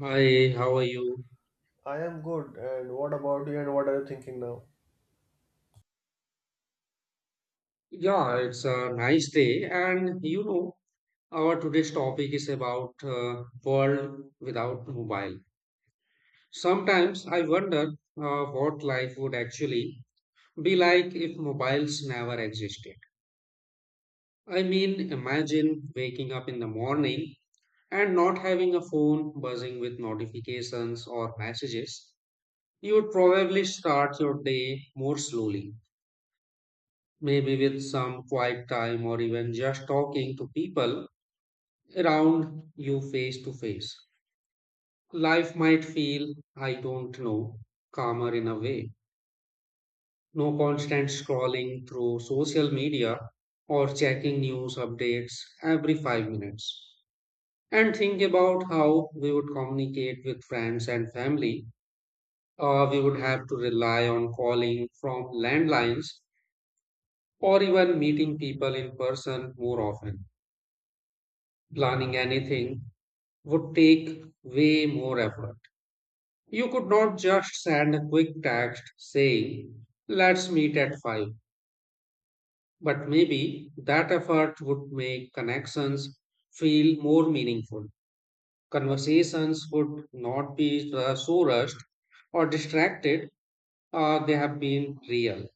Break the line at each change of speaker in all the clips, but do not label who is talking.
Hi, how are you?
I am good. And what about you? And what are you thinking now?
Yeah, it's a nice day. And you know, our today's topic is about world without mobile. Sometimes I wonder what life would actually be like if mobiles never existed. I mean, imagine waking up in the morning and not having a phone buzzing with notifications or messages. You would probably start your day more slowly, maybe with some quiet time or even just talking to people around you face to face. Life might feel, I don't know, calmer in a way. No constant scrolling through social media or checking news updates every 5 minutes. And think about how we would communicate with friends and family. We would have to rely on calling from landlines or even meeting people in person more often. Planning anything would take way more effort. You could not just send a quick text saying, let's meet at 5, but maybe that effort would make connections feel more meaningful. Conversations would not be so rushed or distracted, they have been real.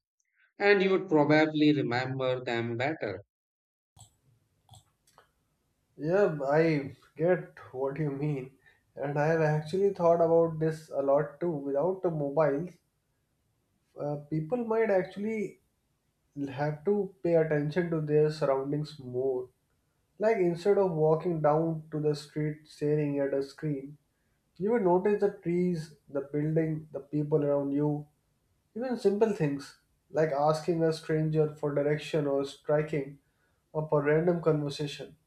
And you would probably remember them better.
Yeah, I get what you mean. And I have actually thought about this a lot too. Without the mobiles, people might actually have to pay attention to their surroundings more. Like instead of walking down to the street staring at a screen, you will notice the trees, the building, the people around you. Even simple things like asking a stranger for direction or striking up a random conversation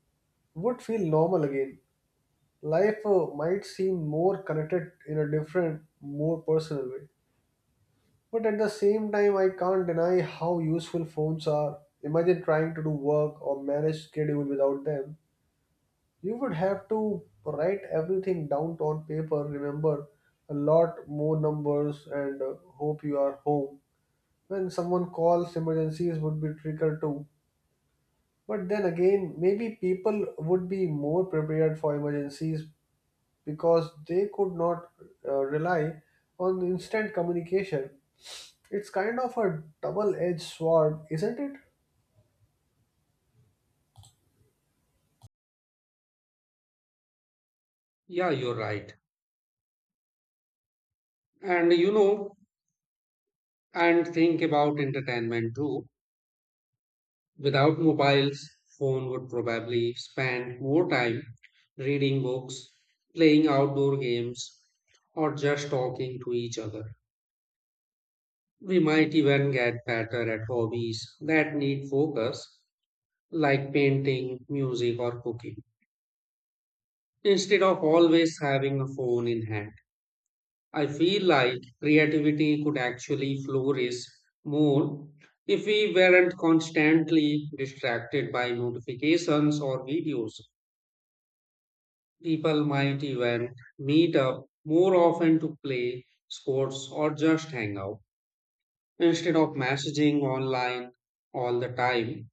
would feel normal again. Life might seem more connected in a different, more personal way. But at the same time, I can't deny how useful phones are. Imagine trying to do work or manage schedule without them. You would have to write everything down on paper, remember a lot more numbers, and hope you are home when someone calls. Emergencies would be triggered too, but then again maybe people would be more prepared for emergencies because they could not rely on instant communication. It's kind of a double-edged sword, isn't it?
Yeah, you're right. And you know, and think about entertainment too. Without mobiles, phone would probably spend more time reading books, playing outdoor games, or just talking to each other. We might even get better at hobbies that need focus, like painting, music, or cooking, instead of always having a phone in hand. I feel like creativity could actually flourish more if we weren't constantly distracted by notifications or videos. People might even meet up more often to play sports or just hang out instead of messaging online all the time.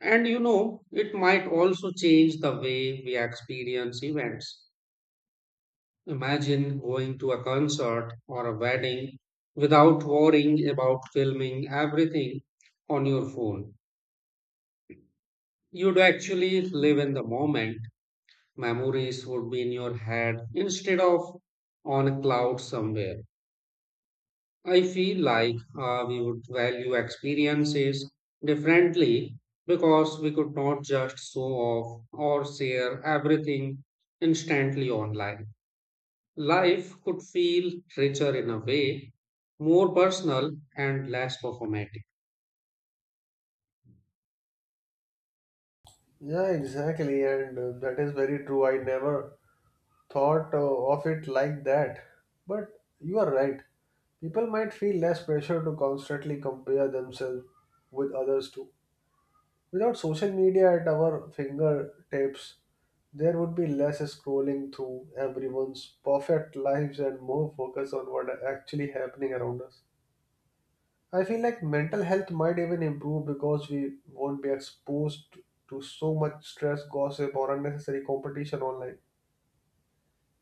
And you know, it might also change the way we experience events. Imagine going to a concert or a wedding without worrying about filming everything on your phone. You'd actually live in the moment. Memories would be in your head instead of on a cloud somewhere. I feel like we would value experiences differently because we could not just show off or share everything instantly online. Life could feel richer in a way, more personal and less performative.
Yeah, exactly. And that is very true. I never thought of it like that, but you are right. People might feel less pressure to constantly compare themselves with others too. Without social media at our fingertips, there would be less scrolling through everyone's perfect lives and more focus on what are actually happening around us. I feel like mental health might even improve because we won't be exposed to so much stress, gossip, or unnecessary competition online.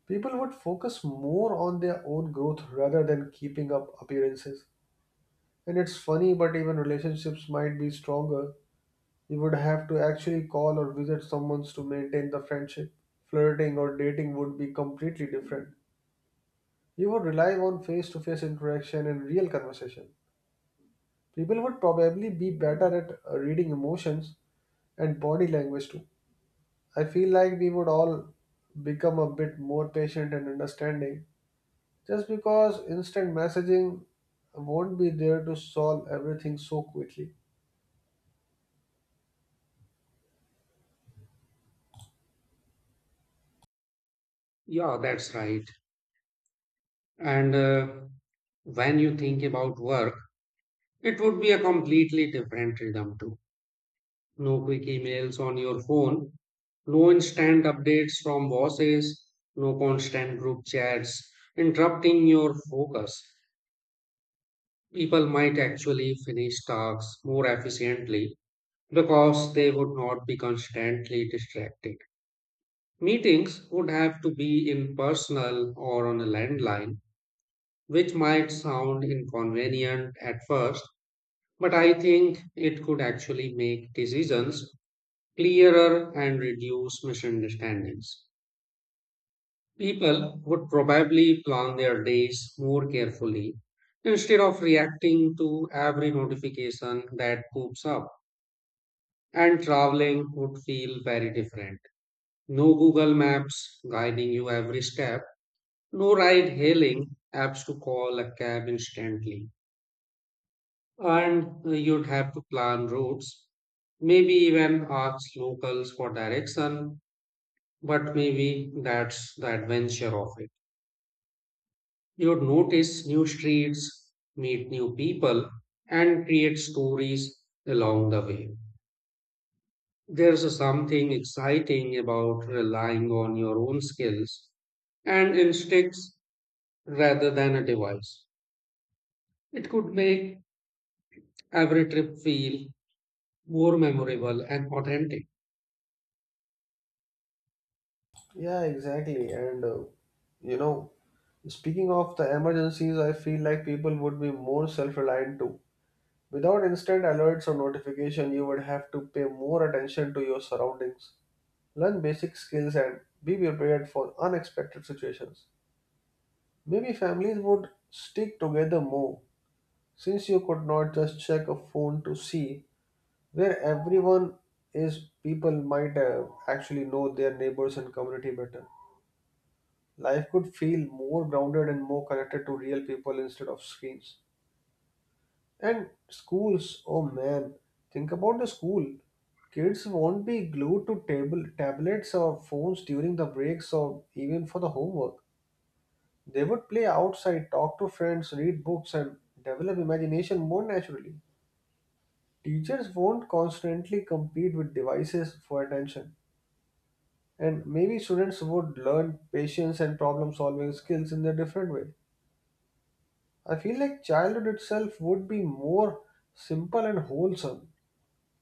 People would focus more on their own growth rather than keeping up appearances. And it's funny, but even relationships might be stronger. You would have to actually call or visit someone to maintain the friendship. Flirting or dating would be completely different. You would rely on face to face interaction and real conversation. People would probably be better at reading emotions and body language too. I feel like we would all become a bit more patient and understanding just because instant messaging won't be there to solve everything so quickly.
Yeah, that's right. And when you think about work, it would be a completely different rhythm too. No quick emails on your phone, no instant updates from bosses, no constant group chats interrupting your focus. People might actually finish tasks more efficiently because they would not be constantly distracted. Meetings would have to be in personal or on a landline, which might sound inconvenient at first, but I think it could actually make decisions clearer and reduce misunderstandings. People would probably plan their days more carefully instead of reacting to every notification that pops up. And traveling would feel very different. No Google Maps guiding you every step, no ride hailing apps to call a cab instantly. And you'd have to plan routes, maybe even ask locals for direction, but maybe that's the adventure of it. You'd notice new streets, meet new people, and create stories along the way. There's something exciting about relying on your own skills and instincts rather than a device. It could make every trip feel more memorable and authentic.
Yeah, exactly. And you know, speaking of the emergencies, I feel like people would be more self-reliant too. Without instant alerts or notification, you would have to pay more attention to your surroundings, learn basic skills, and be prepared for unexpected situations. Maybe families would stick together more, since you could not just check a phone to see where everyone is. People might actually know their neighbors and community better. Life could feel more grounded and more connected to real people instead of screens. And schools, oh man, think about the school. Kids won't be glued to table tablets or phones during the breaks or even for the homework. They would play outside, talk to friends, read books, and develop imagination more naturally. Teachers won't constantly compete with devices for attention. And maybe students would learn patience and problem solving skills in a different way. I feel like childhood itself would be more simple and wholesome,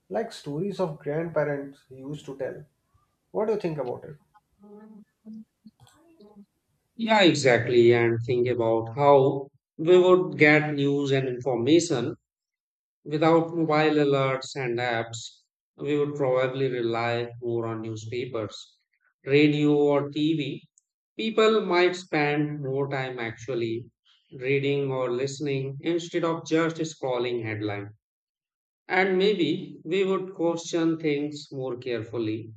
like stories of grandparents used to tell. What do you think about it?
Yeah, exactly. And think about how we would get news and information. Without mobile alerts and apps, we would probably rely more on newspapers, radio, or TV. People might spend more time actually reading or listening instead of just scrolling headline. And maybe we would question things more carefully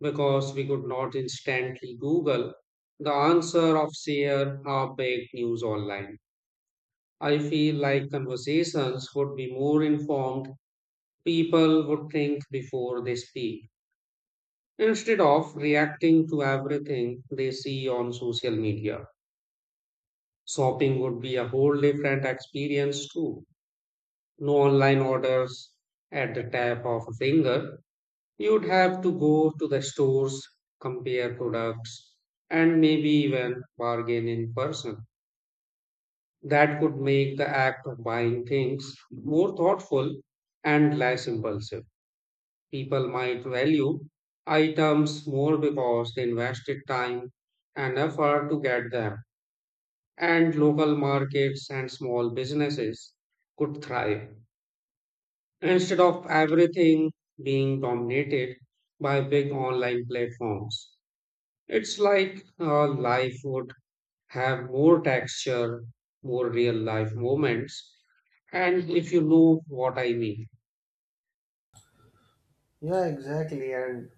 because we could not instantly Google the answer of share half-baked news online. I feel like conversations would be more informed. People would think before they speak instead of reacting to everything they see on social media. Shopping would be a whole different experience too. No online orders at the tap of a finger. You'd have to go to the stores, compare products, and maybe even bargain in person. That could make the act of buying things more thoughtful and less impulsive. People might value items more because they invested time and effort to get them. And local markets and small businesses could thrive. Instead of everything being dominated by big online platforms, it's like life would have more texture, more real life moments. And if you know what I mean.
Yeah, exactly. And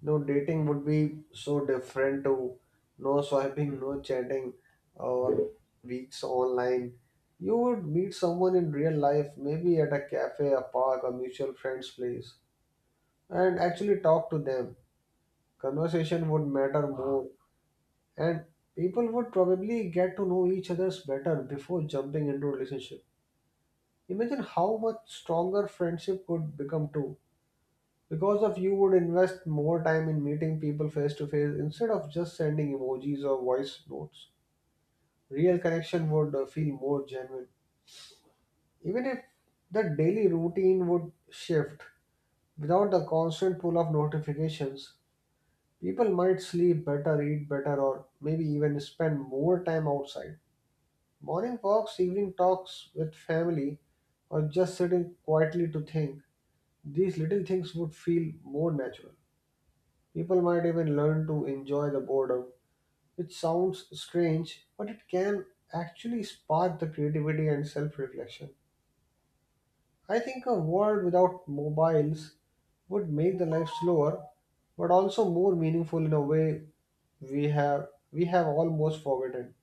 no dating would be so different to no swiping, no chatting, or weeks online. You would meet someone in real life, maybe at a cafe, a park, a mutual friend's place, and actually talk to them. Conversation would matter more, and people would probably get to know each other's better before jumping into a relationship. Imagine how much stronger friendship could become too. Because of you would invest more time in meeting people face to face instead of just sending emojis or voice notes. Real connection would feel more genuine. Even if the daily routine would shift without the constant pull of notifications, people might sleep better, eat better, or maybe even spend more time outside. Morning walks, evening talks with family, or just sitting quietly to think. These little things would feel more natural. People might even learn to enjoy the boredom, which sounds strange, but it can actually spark the creativity and self reflection. I think a world without mobiles would make the life slower but also more meaningful in a way we have almost forgotten.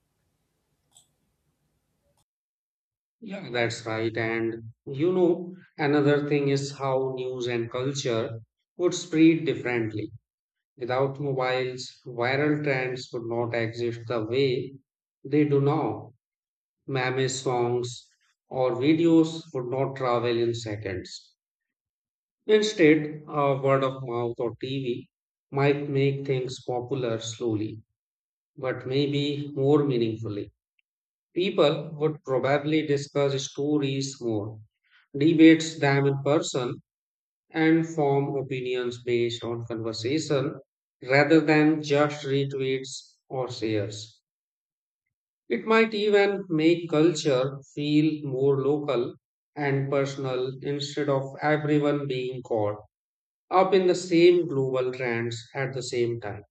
Yeah, that's right. And you know, another thing is how news and culture would spread differently. Without mobiles, viral trends would not exist the way they do now. Meme songs or videos would not travel in seconds. Instead, a word of mouth or TV might make things popular slowly, but maybe more meaningfully. People would probably discuss stories more, debates them in person, and form opinions based on conversation rather than just retweets or shares. It might even make culture feel more local and personal instead of everyone being caught up in the same global trends at the same time.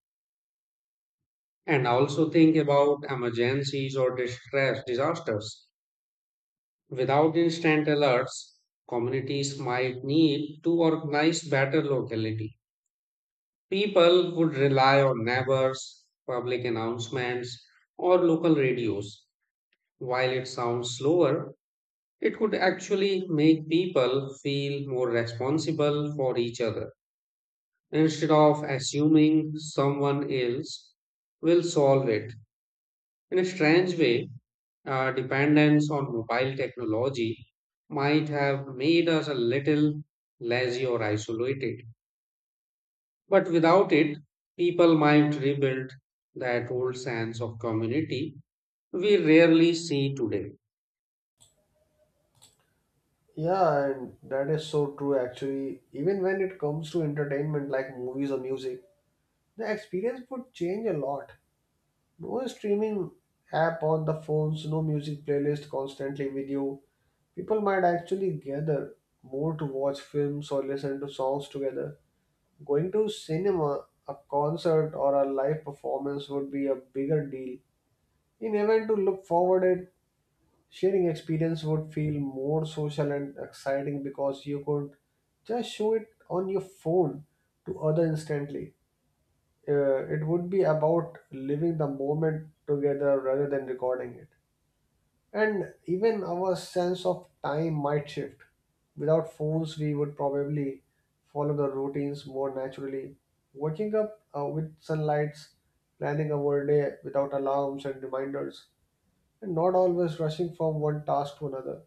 And also think about emergencies or distress disasters. Without instant alerts, communities might need to organize better locality. People would rely on neighbors, public announcements, or local radios. While it sounds slower, it could actually make people feel more responsible for each other instead of assuming someone else will solve it. In a strange way, our dependence on mobile technology might have made us a little lazy or isolated. But without it, people might rebuild that old sense of community we rarely see today.
Yeah, and that is so true. Actually, even when it comes to entertainment like movies or music, the experience would change a lot. No streaming app on the phones, no music playlist constantly with you. People might actually gather more to watch films or listen to songs together. Going to cinema, a concert, or a live performance would be a bigger deal. In event to look forward at, sharing experience would feel more social and exciting because you could just show it on your phone to other instantly. It would be about living the moment together rather than recording it. And even our sense of time might shift. Without phones, we would probably follow the routines more naturally. Waking up with sunlights, planning our day without alarms and reminders, and not always rushing from one task to another.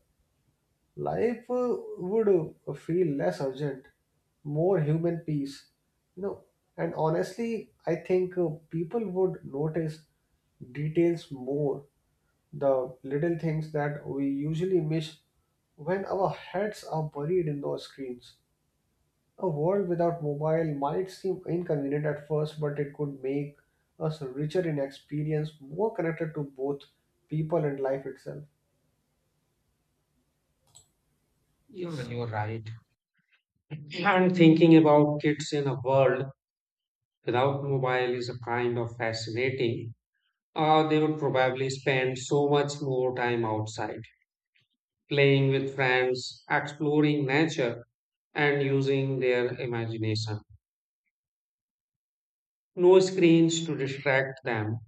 Life would feel less urgent, more human peace, you know. And honestly, I think people would notice details more, the little things that we usually miss when our heads are buried in those screens. A world without mobile might seem inconvenient at first, but it could make us richer in experience, more connected to both people and life itself.
You're right. And thinking about kids in a world without mobile is a kind of fascinating. They would probably spend so much more time outside, playing with friends, exploring nature, and using their imagination. No screens to distract them,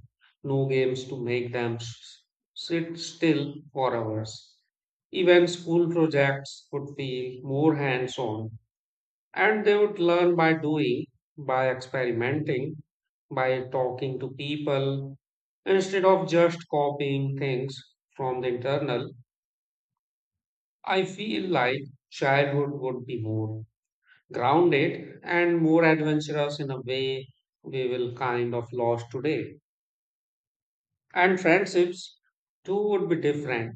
no games to make them sit still for hours. Even school projects would feel more hands on, and they would learn by doing, by experimenting, by talking to people, instead of just copying things from the internal. I feel like childhood would be more grounded and more adventurous in a way we will kind of lost today. And friendships too would be different.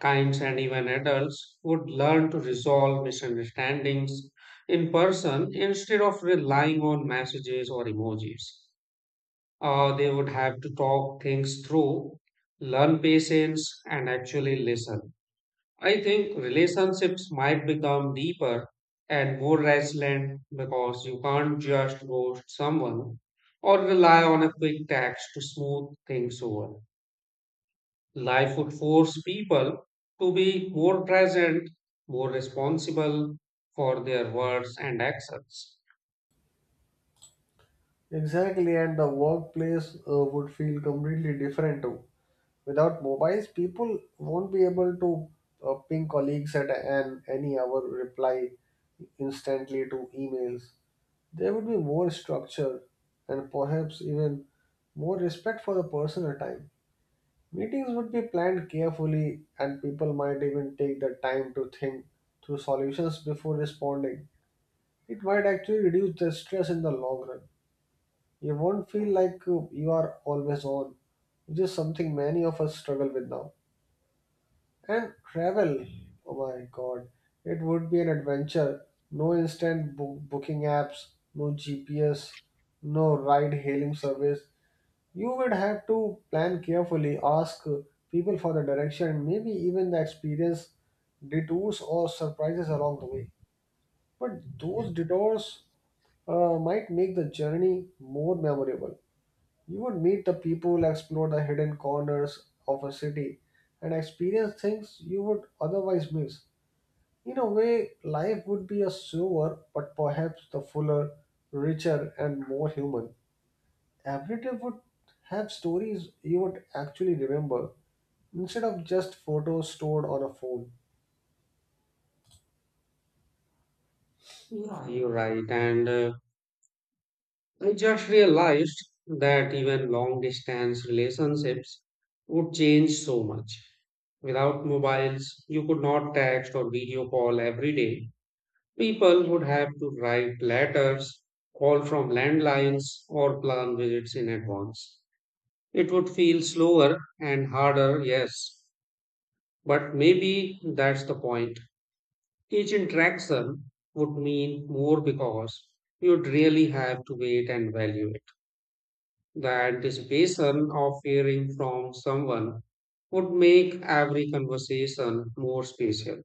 Kinds and even adults would learn to resolve misunderstandings in person instead of relying on messages or emojis. They would have to talk things through, learn patience, and actually listen. I think relationships might become deeper and more resilient because you can't just ghost someone or rely on a quick text to smooth things over. Life would force people to be more present, more responsible for their words and actions.
Exactly, and the workplace would feel completely different too. Without mobiles, people won't be able to ping colleagues at an, any hour, reply instantly to emails. There would be more structure and perhaps even more respect for the personal time. Meetings would be planned carefully, and people might even take the time to think through solutions before responding. It might actually reduce the stress in the long run. You won't feel like you are always on, which is something many of us struggle with now. And travel, oh my god, it would be an adventure. No instant booking apps, no GPS, no ride hailing service. You would have to plan carefully, ask people for the direction, maybe even the experience detours or surprises along the way. But those detours might make the journey more memorable. You would meet the people, explore the hidden corners of a city, and experience things you would otherwise miss. In a way, life would be a slower, but perhaps the fuller, richer, and more human. Every trip would have stories you would actually remember instead of just photos stored on a phone.
Yeah, you're right. And I just realized that even long distance relationships would change so much. Without mobiles, you could not text or video call every day. People would have to write letters, call from landlines, or plan visits in advance. It would feel slower and harder, yes, but maybe that's the point. Each interaction would mean more because you'd really have to wait and value it. That anticipation of hearing from someone would make every conversation more special.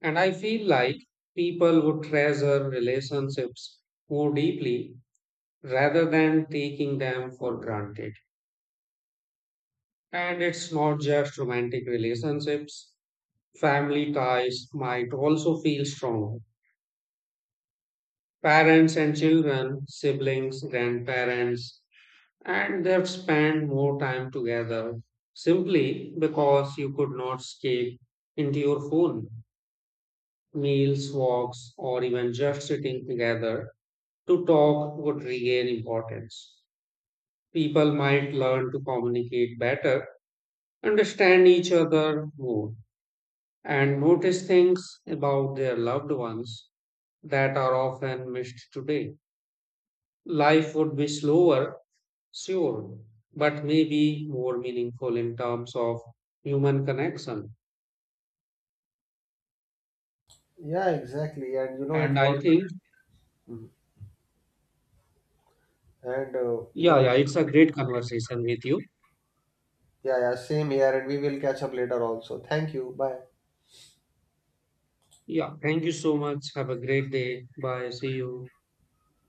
And I feel like people would treasure relationships more deeply rather than taking them for granted. And it's not just romantic relationships, family ties might also feel stronger. Parents and children, siblings, grandparents, and they've spent more time together simply because you could not escape into your phone. Meals, walks, or even just sitting together to talk would regain importance. People might learn to communicate better, understand each other more, and notice things about their loved ones that are often missed today. Life would be slower, sure, but maybe more meaningful in terms of human connection.
Yeah, exactly. And you know, it
And I
was,
think,
mhm, and you
yeah,
know, it,
yeah, it's a great conversation with you.
yeah, yeah, same here. And we will catch up later also. Thank you. Bye.
Yeah, thank you so much. Have a great day. Bye. See you.